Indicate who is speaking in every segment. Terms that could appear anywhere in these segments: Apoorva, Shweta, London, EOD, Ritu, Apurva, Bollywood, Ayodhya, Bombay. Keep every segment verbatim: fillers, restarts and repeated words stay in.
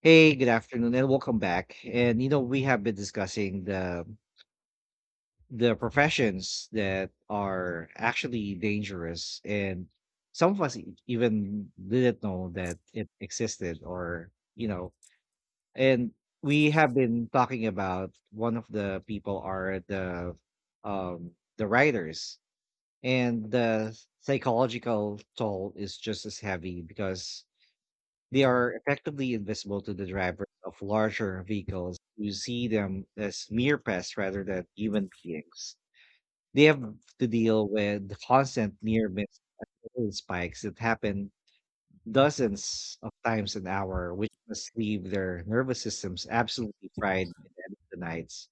Speaker 1: Hey, good afternoon, and welcome back. And you know, we have been discussing the the professions that are actually dangerous, and some of us e- even didn't know that it existed, or you know, and we have been talking about one of the people are the um the writers, and the psychological toll is just as heavy because they are effectively invisible to the drivers of larger vehicles who see them as mere pests rather than human beings. They have to deal with the constant near miss oil spikes that happen dozens of times an hour, which must leave their nervous systems absolutely fried by the end of the nights.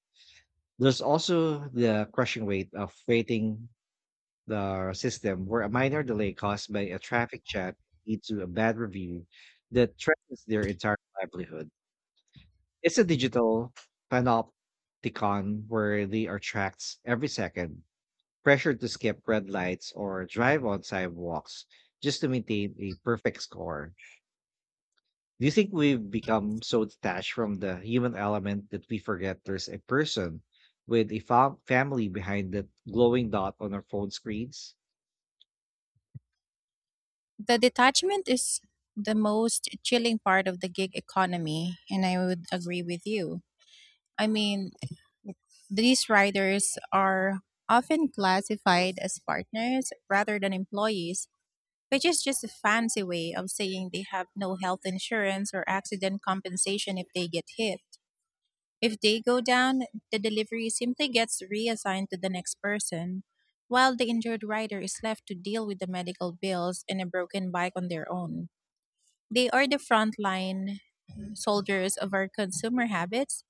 Speaker 1: There's also the crushing weight of waiting the system, where a minor delay caused by a traffic jam leads to a bad review that threatens their entire livelihood. It's a digital panopticon where they are tracked every second, pressured to skip red lights or drive on sidewalks just to maintain a perfect score. Do you think we've become so detached from the human element that we forget there's a person with a fam- family behind that glowing dot on our phone screens?
Speaker 2: The detachment is the most chilling part of the gig economy, and I would agree with you. I mean, these riders are often classified as partners rather than employees, which is just a fancy way of saying they have no health insurance or accident compensation if they get hit. If they go down, the delivery simply gets reassigned to the next person, while the injured rider is left to deal with the medical bills and a broken bike on their own. They are the frontline soldiers of our consumer habits,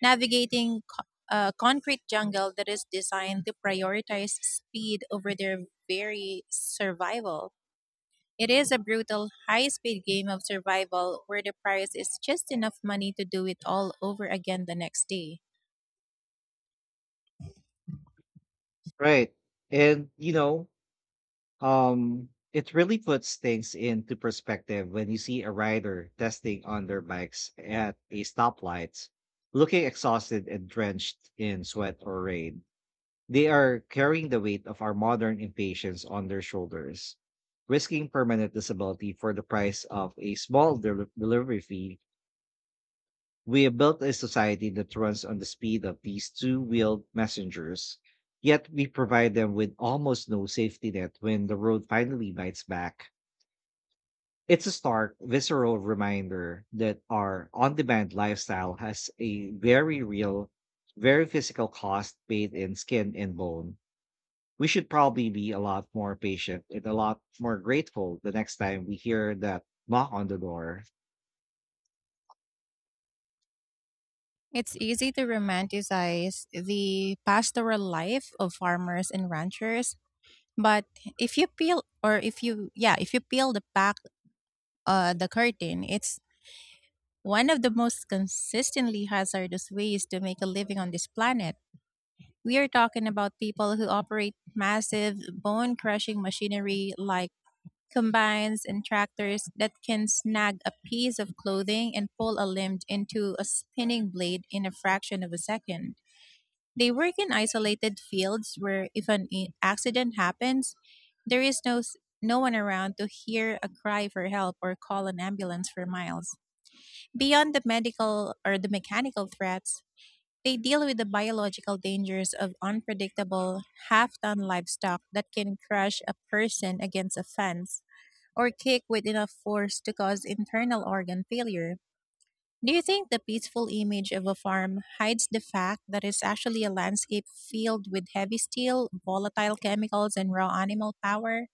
Speaker 2: navigating co- a concrete jungle that is designed to prioritize speed over their very survival. It is a brutal, high speed game of survival where the prize is just enough money to do it all over again the next day.
Speaker 1: Right. And, you know, Um, it really puts things into perspective when you see a rider testing on their bikes at a stoplight, looking exhausted and drenched in sweat or rain. They are carrying the weight of our modern impatience on their shoulders, risking permanent disability for the price of a small del- delivery fee. We have built a society that runs on the speed of these two wheeled messengers, yet we provide them with almost no safety net when the road finally bites back. It's a stark, visceral reminder that our on demand lifestyle has a very real, very physical cost paid in skin and bone. We should probably be a lot more patient and a lot more grateful the next time we hear that knock on the door.
Speaker 2: It's easy to romanticize the pastoral life of farmers and ranchers, but if you peel or if you yeah, if you peel the back uh the curtain, it's one of the most consistently hazardous ways to make a living on this planet. We are talking about people who operate massive bone crushing machinery like combines and tractors that can snag a piece of clothing and pull a limb into a spinning blade in a fraction of a second. They work in isolated fields where if an i- accident happens, there is no s- no one around to hear a cry for help or call an ambulance for miles. Beyond the medical or the mechanical threats, they deal with the biological dangers of unpredictable half-ton livestock that can crush a person against a fence or kick with enough force to cause internal organ failure. Do you think the peaceful image of a farm hides the fact that it's actually a landscape filled with heavy steel, volatile chemicals, and raw animal power?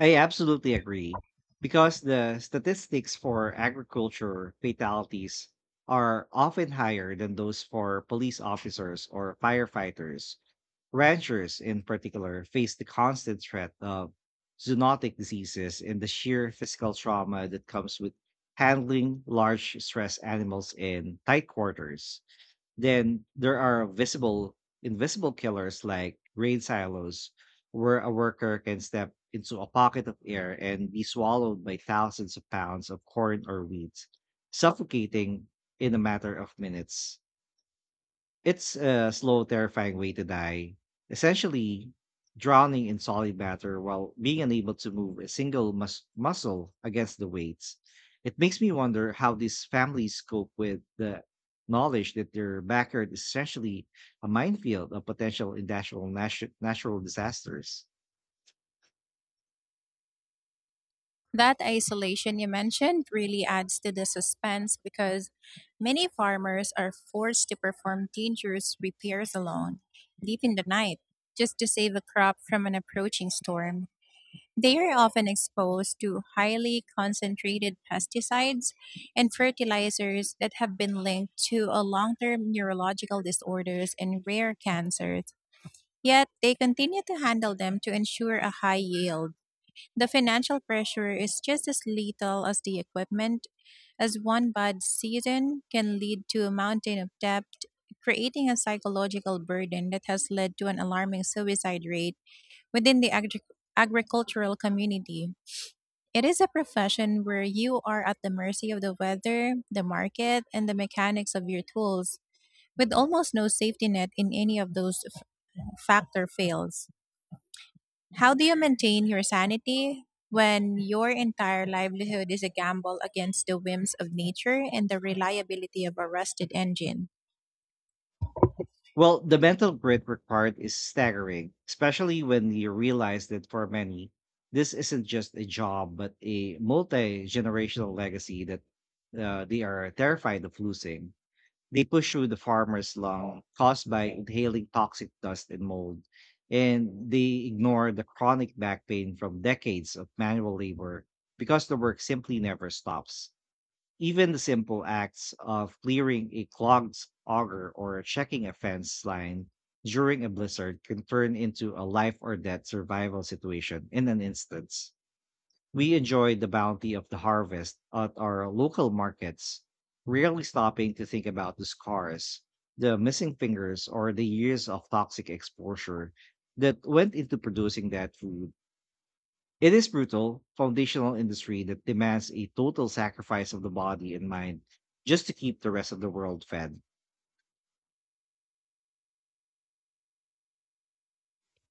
Speaker 1: I absolutely agree, because the statistics for agriculture fatalities are often higher than those for police officers or firefighters. Ranchers, in particular, face the constant threat of zoonotic diseases and the sheer physical trauma that comes with handling large stress animals in tight quarters. Then there are visible, invisible killers like rain silos, where a worker can step into a pocket of air and be swallowed by thousands of pounds of corn or wheat, suffocating in a matter of minutes. It's a slow, terrifying way to die, essentially drowning in solid matter while being unable to move a single mus- muscle against the weights. It makes me wonder how these families cope with the knowledge that their backyard is essentially a minefield of potential industrial natu- natural disasters.
Speaker 2: That isolation you mentioned really adds to the suspense, because many farmers are forced to perform dangerous repairs alone, deep in the night, just to save a crop from an approaching storm. They are often exposed to highly concentrated pesticides and fertilizers that have been linked to a long term neurological disorders and rare cancers. Yet they continue to handle them to ensure a high yield. The financial pressure is just as lethal as the equipment, as one bad season can lead to a mountain of debt, creating a psychological burden that has led to an alarming suicide rate within the agric agricultural community. It is a profession where you are at the mercy of the weather, the market, and the mechanics of your tools, with almost no safety net in any of those f- factor fails. How do you maintain your sanity when your entire livelihood is a gamble against the whims of nature and the reliability of a rusted engine?
Speaker 1: Well, the mental grit required is staggering, especially when you realize that for many, this isn't just a job, but a multi generational legacy that uh, they are terrified of losing. They push through the farmer's lung caused by inhaling toxic dust and mold, and they ignore the chronic back pain from decades of manual labor because the work simply never stops. Even the simple acts of clearing a clogged auger or checking a fence line during a blizzard can turn into a life or death survival situation in an instance. We enjoy the bounty of the harvest at our local markets, rarely stopping to think about the scars, the missing fingers, or the years of toxic exposure that went into producing that food. It is brutal, foundational industry that demands a total sacrifice of the body and mind just to keep the rest of the world fed.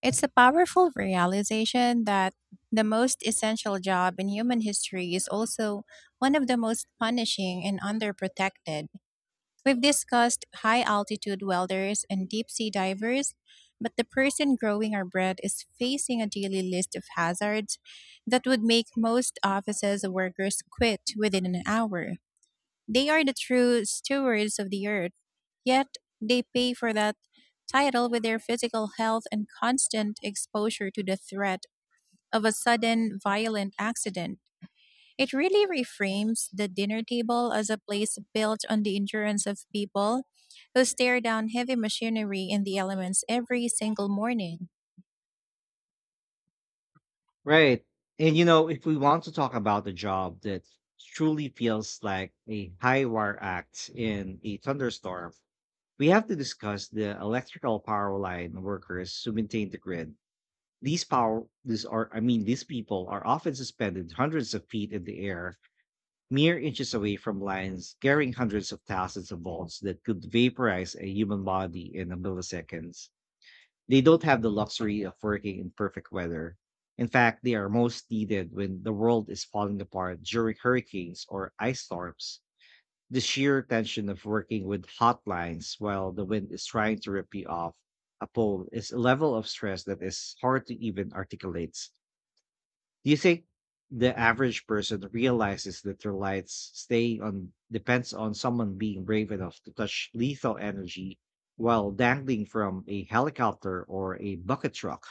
Speaker 2: It's a powerful realization that the most essential job in human history is also one of the most punishing and underprotected. We've discussed high altitude welders and deep sea divers, but the person growing our bread is facing a daily list of hazards that would make most offices workers quit within an hour. They are the true stewards of the earth, yet they pay for that title with their physical health and constant exposure to the threat of a sudden violent accident. It really reframes the dinner table as a place built on the endurance of people who stare down heavy machinery in the elements every single morning.
Speaker 1: Right. And you know, if we want to talk about a job that truly feels like a high wire act in a thunderstorm, we have to discuss the electrical power line workers who maintain the grid. These power these are I mean, these people are often suspended hundreds of feet in the air, mere inches away from lines carrying hundreds of thousands of volts that could vaporize a human body in a milliseconds. They don't have the luxury of working in perfect weather. In fact, they are most needed when the world is falling apart during hurricanes or ice storms. The sheer tension of working with hot lines while the wind is trying to rip you off a pole is a level of stress that is hard to even articulate. Do you think the average person realizes that their lights stay on depends on someone being brave enough to touch lethal energy while dangling from a helicopter or a bucket truck?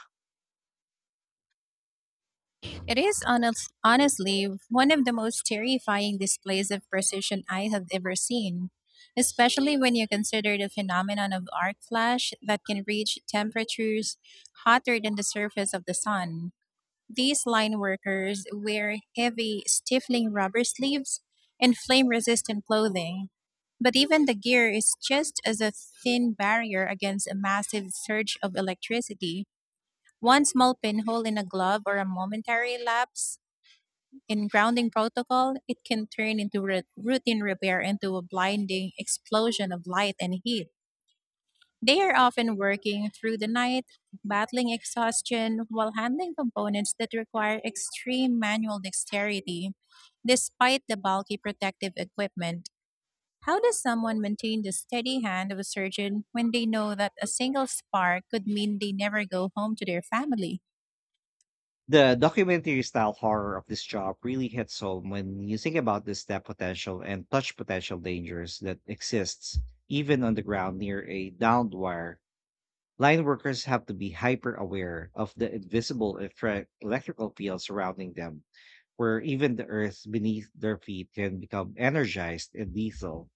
Speaker 2: It is honest, honestly one of the most terrifying displays of precision I have ever seen, especially when you consider the phenomenon of arc flash that can reach temperatures hotter than the surface of the sun. These line workers wear heavy, stifling rubber sleeves and flame resistant clothing. But even the gear is just as a thin barrier against a massive surge of electricity. One small pinhole in a glove or a momentary lapse in grounding protocol, it can turn into ru- routine repair into a blinding explosion of light and heat. They are often working through the night, battling exhaustion while handling components that require extreme manual dexterity, despite the bulky protective equipment. How does someone maintain the steady hand of a surgeon when they know that a single spark could mean they never go home to their family?
Speaker 1: The documentary style horror of this job really hits home when you think about the step potential and touch potential dangers that exists even on the ground near a downed wire. Line workers have to be hyper aware of the invisible electric- electrical field surrounding them, where even the earth beneath their feet can become energized and lethal.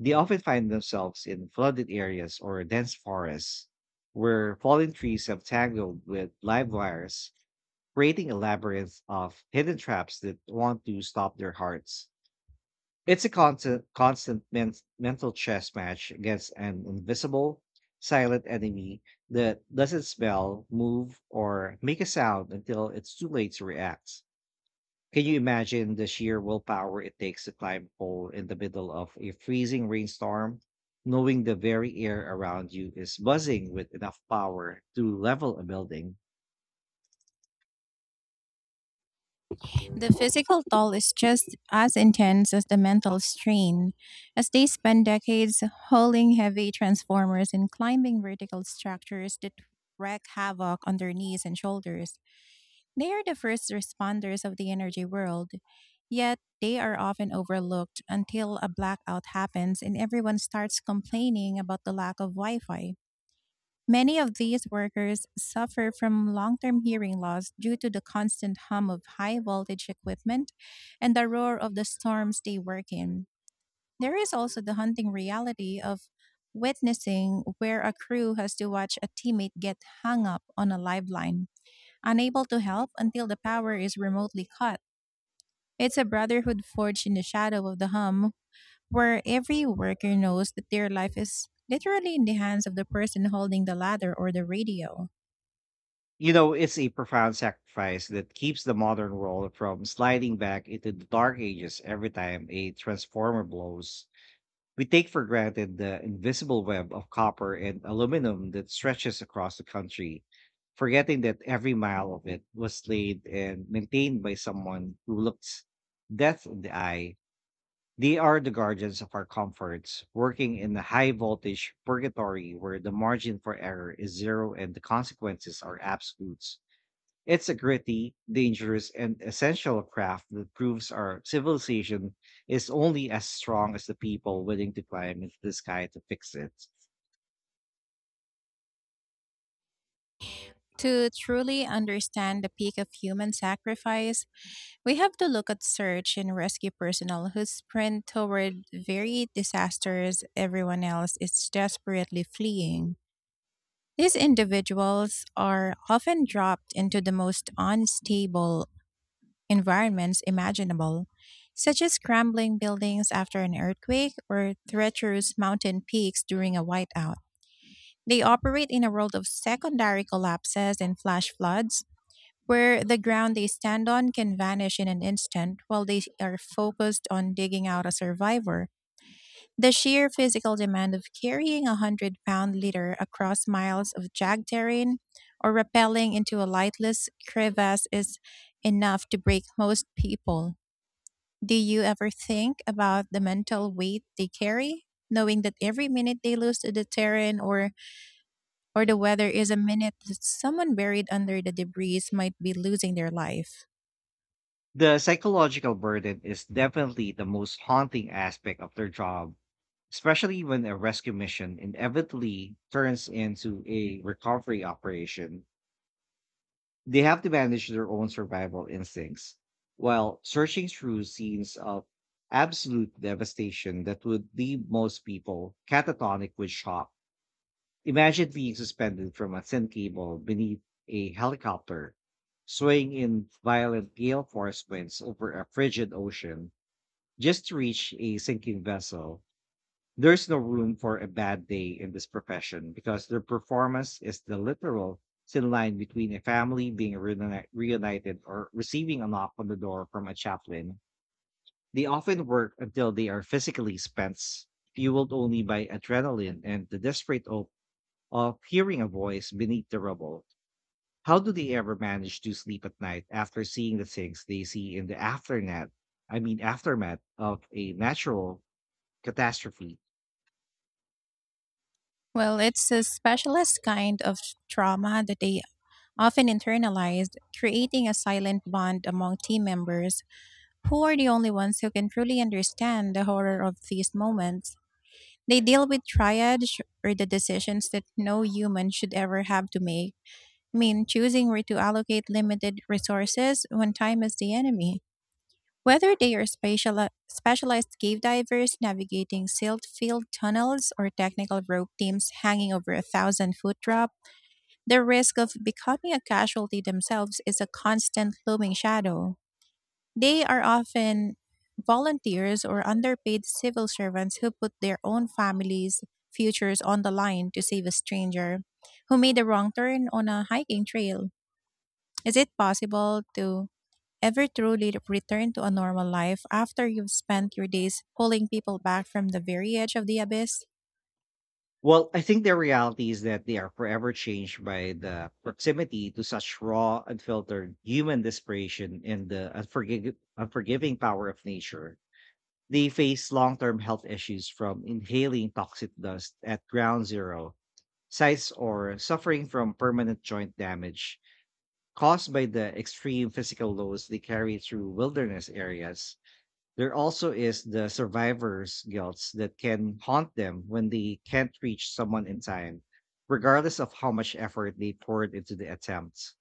Speaker 1: They often find themselves in flooded areas or dense forests where fallen trees have tangled with live wires, creating a labyrinth of hidden traps that want to stop their hearts. It's a constant, constant men- mental chess match against an invisible, silent enemy that doesn't smell, move, or make a sound until it's too late to react. Can you imagine the sheer willpower it takes to climb pole in the middle of a freezing rainstorm, knowing the very air around you is buzzing with enough power to level a building?
Speaker 2: The physical toll is just as intense as the mental strain, as they spend decades hauling heavy transformers and climbing vertical structures that wreak havoc on their knees and shoulders. They are the first responders of the energy world, yet they are often overlooked until a blackout happens and everyone starts complaining about the lack of Wi Fi. Many of these workers suffer from long term hearing loss due to the constant hum of high voltage equipment and the roar of the storms they work in. There is also the haunting reality of witnessing where a crew has to watch a teammate get hung up on a live line, unable to help until the power is remotely cut. It's a brotherhood forged in the shadow of the hum, where every worker knows that their life is literally in the hands of the person holding the ladder or the radio.
Speaker 1: You know, it's a profound sacrifice that keeps the modern world from sliding back into the dark ages every time a transformer blows. We take for granted the invisible web of copper and aluminum that stretches across the country, forgetting that every mile of it was laid and maintained by someone who looks death in the eye. They are the guardians of our comforts, working in a high voltage purgatory where the margin for error is zero and the consequences are absolutes. It's a gritty, dangerous, and essential craft that proves our civilization is only as strong as the people willing to climb into the sky to fix it.
Speaker 2: To truly understand the peak of human sacrifice, we have to look at search and rescue personnel who sprint toward very disasters everyone else is desperately fleeing. These individuals are often dropped into the most unstable environments imaginable, such as crumbling buildings after an earthquake or treacherous mountain peaks during a whiteout. They operate in a world of secondary collapses and flash floods, where the ground they stand on can vanish in an instant while they are focused on digging out a survivor. The sheer physical demand of carrying a hundred pound litter across miles of jagged terrain or rappelling into a lightless crevasse is enough to break most people. Do you ever think about the mental weight they carry, knowing that every minute they lose to the terrain or, or the weather is a minute that someone buried under the debris might be losing their life?
Speaker 1: The psychological burden is definitely the most haunting aspect of their job, especially when a rescue mission inevitably turns into a recovery operation. They have to manage their own survival instincts while searching through scenes of absolute devastation that would leave most people catatonic with shock. Imagine being suspended from a thin cable beneath a helicopter, swaying in violent gale force winds over a frigid ocean just to reach a sinking vessel. There's no room for a bad day in this profession, because their performance is the literal thin line between a family being reuni- reunited or receiving a knock on the door from a chaplain. They often work until they are physically spent, fueled only by adrenaline and the desperate hope of hearing a voice beneath the rubble. How do they ever manage to sleep at night after seeing the things they see in the aftermath? I mean, aftermath of a natural catastrophe?
Speaker 2: Well, it's a specialist kind of trauma that they often internalized, creating a silent bond among team members who are the only ones who can truly understand the horror of these moments. They deal with triage or the decisions that no human should ever have to make. I mean, choosing where to allocate limited resources when time is the enemy. Whether they are special, specialized cave divers navigating silt filled tunnels or technical rope teams hanging over a thousand foot drop, the risk of becoming a casualty themselves is a constant looming shadow. They are often volunteers or underpaid civil servants who put their own families' futures on the line to save a stranger who made a wrong turn on a hiking trail. Is it possible to ever truly return to a normal life after you've spent your days pulling people back from the very edge of the abyss?
Speaker 1: Well, I think the reality is that they are forever changed by the proximity to such raw, unfiltered human desperation and the unforgiv- unforgiving power of nature. They face long term health issues from inhaling toxic dust at ground zero sites, or suffering from permanent joint damage caused by the extreme physical loads they carry through wilderness areas. There also is the survivor's guilt that can haunt them when they can't reach someone in time, regardless of how much effort they poured into the attempt.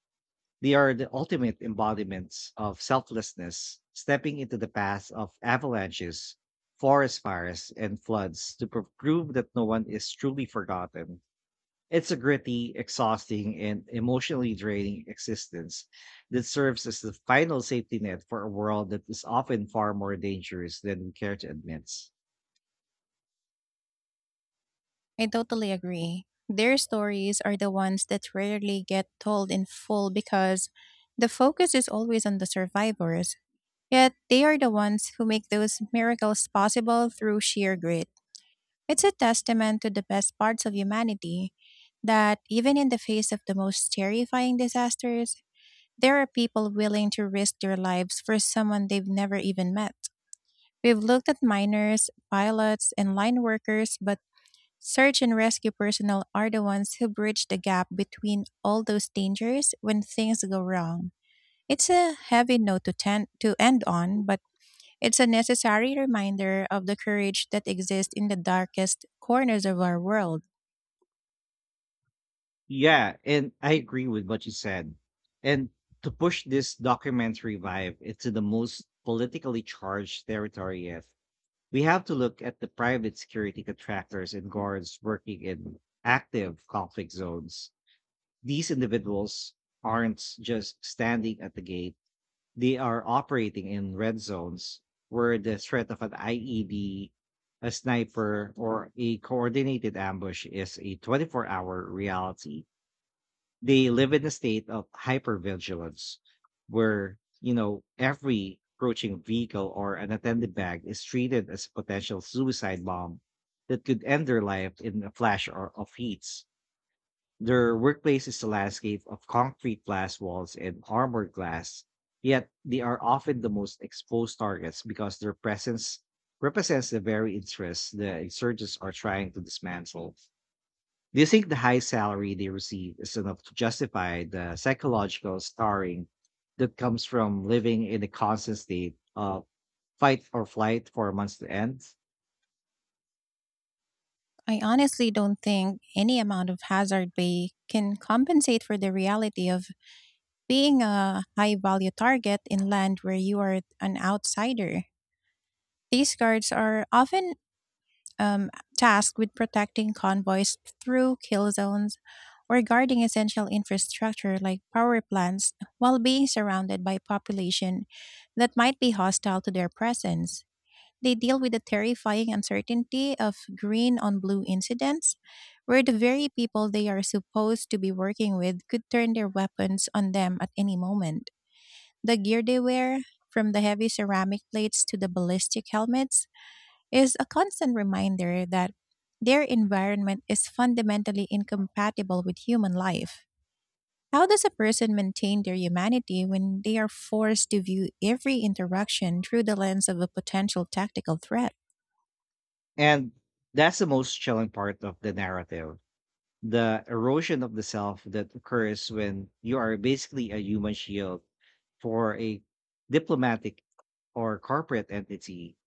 Speaker 1: They are the ultimate embodiments of selflessness, stepping into the path of avalanches, forest fires, and floods to pro- prove that no one is truly forgotten. It's a gritty, exhausting, and emotionally draining existence that serves as the final safety net for a world that is often far more dangerous than we care to admit.
Speaker 2: I totally agree. Their stories are the ones that rarely get told in full, because the focus is always on the survivors. Yet they are the ones who make those miracles possible through sheer grit. It's a testament to the best parts of humanity that even in the face of the most terrifying disasters, there are people willing to risk their lives for someone they've never even met. We've looked at miners, pilots, and line workers, but search and rescue personnel are the ones who bridge the gap between all those dangers when things go wrong. It's a heavy note to, ten- to end on, but it's a necessary reminder of the courage that exists in the darkest corners of our world.
Speaker 1: Yeah, and I agree with what you said. And to push this documentary vibe into the most politically charged territory yet, we have to look at the private security contractors and guards working in active conflict zones. These individuals aren't just standing at the gate. They are operating in red zones where the threat of an I E D, a sniper, or a coordinated ambush is a 24 hour reality. They live in a state of hypervigilance where, you know, every approaching vehicle or unattended bag is treated as a potential suicide bomb that could end their life in a flash or of heats. Their workplace is a landscape of concrete glass walls and armored glass, yet they are often the most exposed targets because their presence represents the very interests the insurgents are trying to dismantle. Do you think the high salary they receive is enough to justify the psychological scarring that comes from living in a constant state of fight or flight for months to end?
Speaker 2: I honestly don't think any amount of hazard pay can compensate for the reality of being a high value target in land where you are an outsider. These cards are often um, tasked with protecting convoys through kill zones or guarding essential infrastructure like power plants while being surrounded by population that might be hostile to their presence. They deal with the terrifying uncertainty of green on blue incidents, where the very people they are supposed to be working with could turn their weapons on them at any moment. The gear they wear, from the heavy ceramic plates to the ballistic helmets, is a constant reminder that their environment is fundamentally incompatible with human life. How does a person maintain their humanity when they are forced to view every interaction through the lens of a potential tactical threat?
Speaker 1: And that's the most chilling part of the narrative. The erosion of the self that occurs when you are basically a human shield for a diplomatic or corporate entity.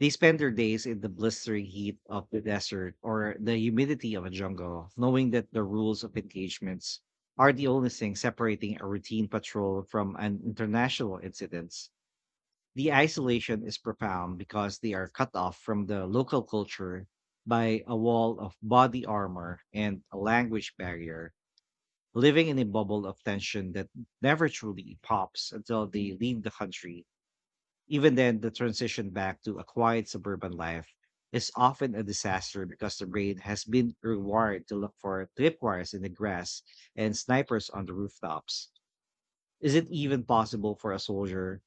Speaker 1: They spend their days in the blistering heat of the desert or the humidity of a jungle, knowing that the rules of engagements are the only thing separating a routine patrol from an international incident. The isolation is profound because they are cut off from the local culture by a wall of body armor and a language barrier, living in a bubble of tension that never truly pops until they leave the country. Even then, the transition back to a quiet suburban life is often a disaster because the brain has been rewired to look for tripwires in the grass and snipers on the rooftops. Is it even possible for a soldier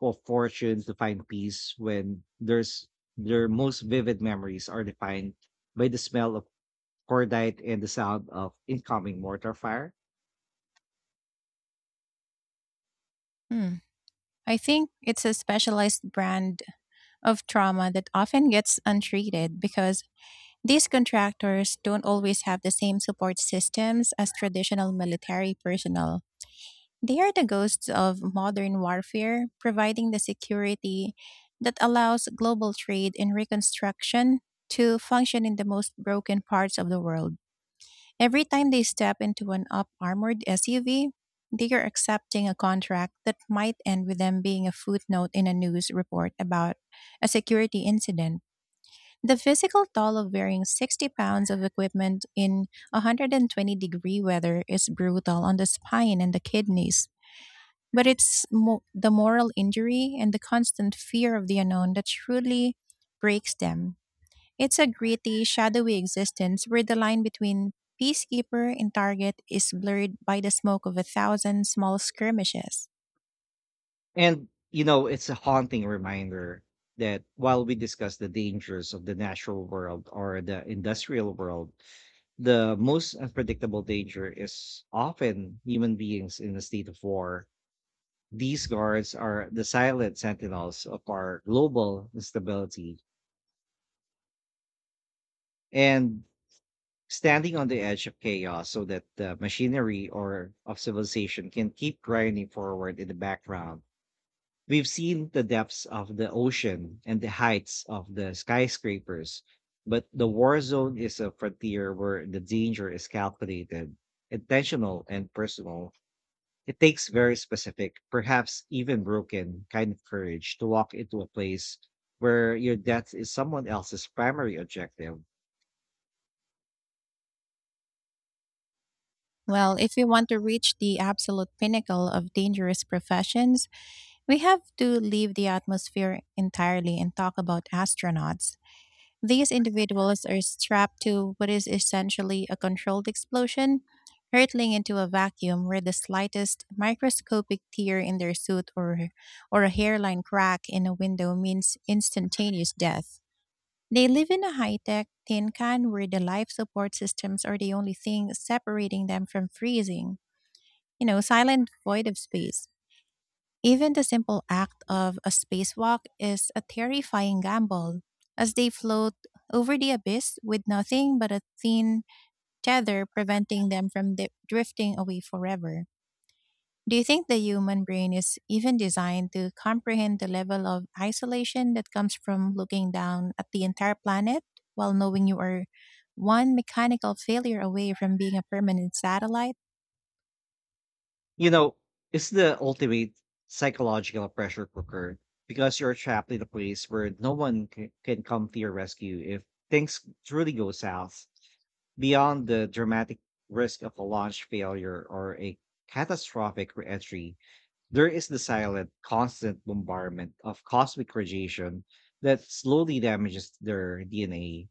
Speaker 1: of fortune to find peace when there's their most vivid memories are defined by the smell of cordite and the sound of incoming mortar fire?
Speaker 2: Hmm. I think it's a specialized brand of trauma that often gets untreated, because these contractors don't always have the same support systems as traditional military personnel. They are the ghosts of modern warfare, providing the security that allows global trade and reconstruction to function in the most broken parts of the world. Every time they step into an up armored S U V, they are accepting a contract that might end with them being a footnote in a news report about a security incident. The physical toll of wearing sixty pounds of equipment in one hundred twenty degree weather is brutal on the spine and the kidneys. But it's mo- the moral injury and the constant fear of the unknown that truly breaks them. It's a gritty, shadowy existence where the line between peacekeeper and target is blurred by the smoke of a thousand small skirmishes.
Speaker 1: And, you know, it's a haunting reminder that while we discuss the dangers of the natural world or the industrial world, the most unpredictable danger is often human beings in a state of war. These guards are the silent sentinels of our global instability and standing on the edge of chaos so that the machinery or of civilization can keep grinding forward in the background. We've seen the depths of the ocean and the heights of the skyscrapers, but the war zone is a frontier where the danger is calculated, intentional, and personal. It takes very specific, perhaps even broken, kind of courage to walk into a place where your death is someone else's primary objective.
Speaker 2: Well, if we want to reach the absolute pinnacle of dangerous professions, we have to leave the atmosphere entirely and talk about astronauts. These individuals are strapped to what is essentially a controlled explosion, hurtling into a vacuum where the slightest microscopic tear in their suit or, or a hairline crack in a window means instantaneous death. They live in a high tech tin can where the life support systems are the only thing separating them from freezing, you know, silent void of space. Even the simple act of a spacewalk is a terrifying gamble, as they float over the abyss with nothing but a thin tether preventing them from di- drifting away forever. Do you think the human brain is even designed to comprehend the level of isolation that comes from looking down at the entire planet while knowing you are one mechanical failure away from being a permanent satellite?
Speaker 1: You know, it's the ultimate psychological pressure cooker because you're trapped in a place where no one c- can come to your rescue if things truly go south. Beyond the dramatic risk of a launch failure or a catastrophic reentry, there is the silent, constant bombardment of cosmic radiation that slowly damages their D N A.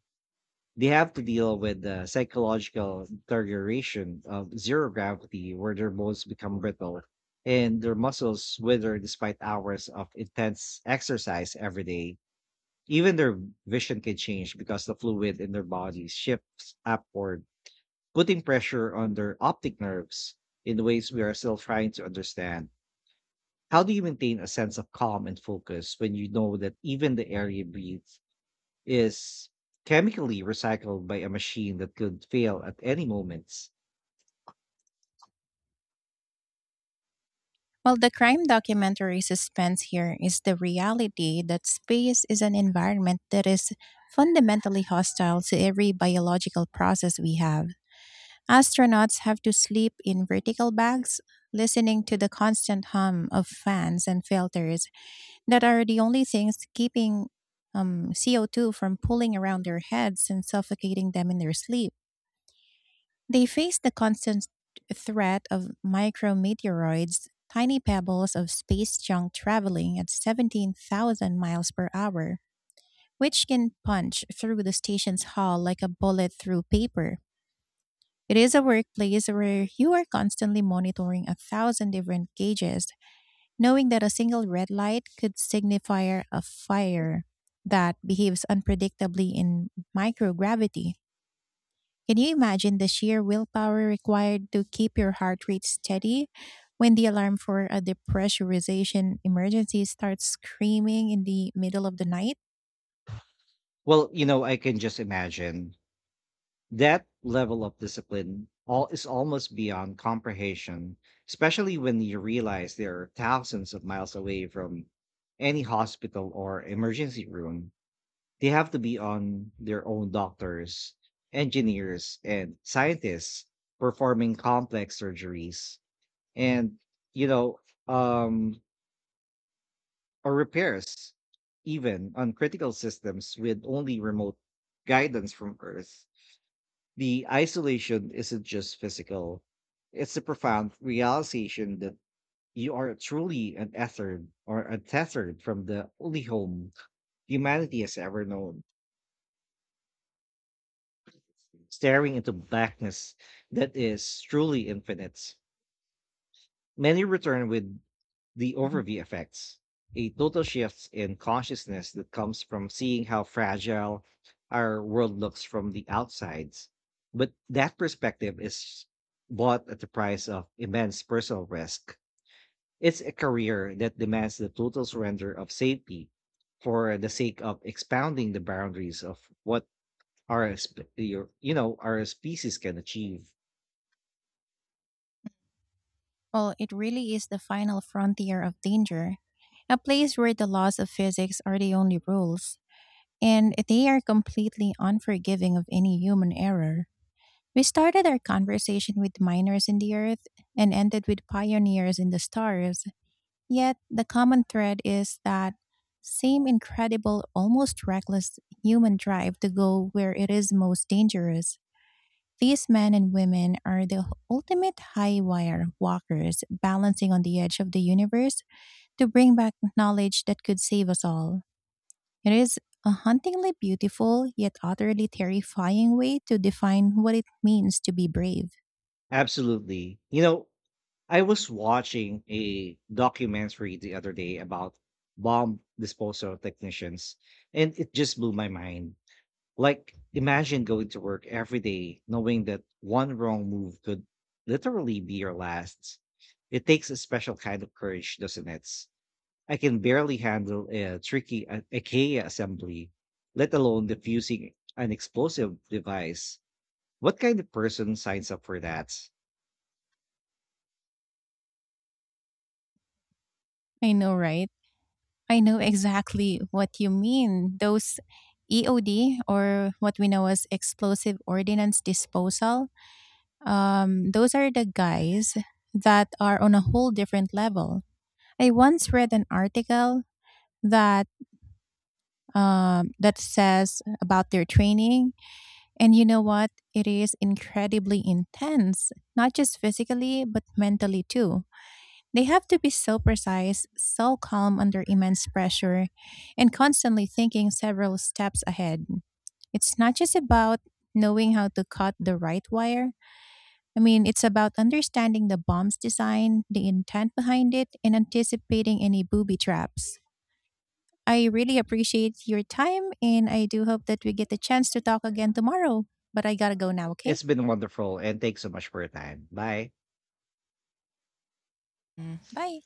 Speaker 1: They have to deal with the psychological deterioration of zero gravity where their bones become brittle and their muscles wither despite hours of intense exercise every day. Even their vision can change because the fluid in their bodies shifts upward, putting pressure on their optic nerves in ways we are still trying to understand. How do you maintain a sense of calm and focus when you know that even the air you breathe is chemically recycled by a machine that could fail at any moment?
Speaker 2: Well, the crime documentary suspense here is the reality that space is an environment that is fundamentally hostile to every biological process we have. Astronauts have to sleep in vertical bags, listening to the constant hum of fans and filters that are the only things keeping um, C O two from pulling around their heads and suffocating them in their sleep. They face the constant threat of micrometeoroids, tiny pebbles of space junk traveling at seventeen thousand miles per hour, which can punch through the station's hull like a bullet through paper. It is a workplace where you are constantly monitoring a thousand different gauges, knowing that a single red light could signify a fire that behaves unpredictably in microgravity. Can you imagine the sheer willpower required to keep your heart rate steady when the alarm for a depressurization emergency starts screaming in the middle of the night?
Speaker 1: Well, you know, I can just imagine that level of discipline all is almost beyond comprehension, especially when you realize they are thousands of miles away from any hospital or emergency room. They have to be on their own doctors, engineers, and scientists performing complex surgeries. And, you know, um, or repairs, even on critical systems with only remote guidance from Earth. The isolation isn't just physical, it's a profound realization that you are truly untethered or untethered from the only home humanity has ever known, staring into blackness that is truly infinite. Many return with the
Speaker 2: Mhm.
Speaker 1: overview effects, a total shift in consciousness that comes from seeing how fragile our world looks from the outsides. But that perspective is bought at the price of immense personal risk. It's a career that demands the total surrender of safety for the sake of expounding the boundaries of what our sp- your- you know our species can achieve.
Speaker 2: Well, it really is the final frontier of danger, a place where the laws of physics are the only rules, and they are completely unforgiving of any human error. We started our conversation with miners in the earth and ended with pioneers in the stars. Yet the common thread is that same incredible, almost reckless human drive to go where it is most dangerous. These men and women are the ultimate high wire walkers balancing on the edge of the universe to bring back knowledge that could save us all. It is a hauntingly beautiful yet utterly terrifying way to define what it means to be brave.
Speaker 1: Absolutely. You know, I was watching a documentary the other day about bomb disposal technicians, and it just blew my mind. Like, imagine going to work every day knowing that one wrong move could literally be your last. It takes a special kind of courage, doesn't it? I can barely handle a tricky I- IKEA assembly, let alone defusing an explosive device. What kind of person signs up for that?
Speaker 2: I know, right? I know exactly what you mean. Those E O D, or what we know as explosive Ordinance disposal, um, those are the guys that are on a whole different level. I once read an article that um, that says about their training, and you know what? It is incredibly intense, not just physically but mentally too. They have to be so precise, so calm under immense pressure, and constantly thinking several steps ahead. It's not just about knowing how to cut the right wire. I mean, it's about understanding the bomb's design, the intent behind it, and anticipating any booby traps. I really appreciate your time, and I do hope that we get the chance to talk again tomorrow. But I gotta go now, okay?
Speaker 1: It's been wonderful and thanks so much for your time. Bye.
Speaker 2: Mm. Bye.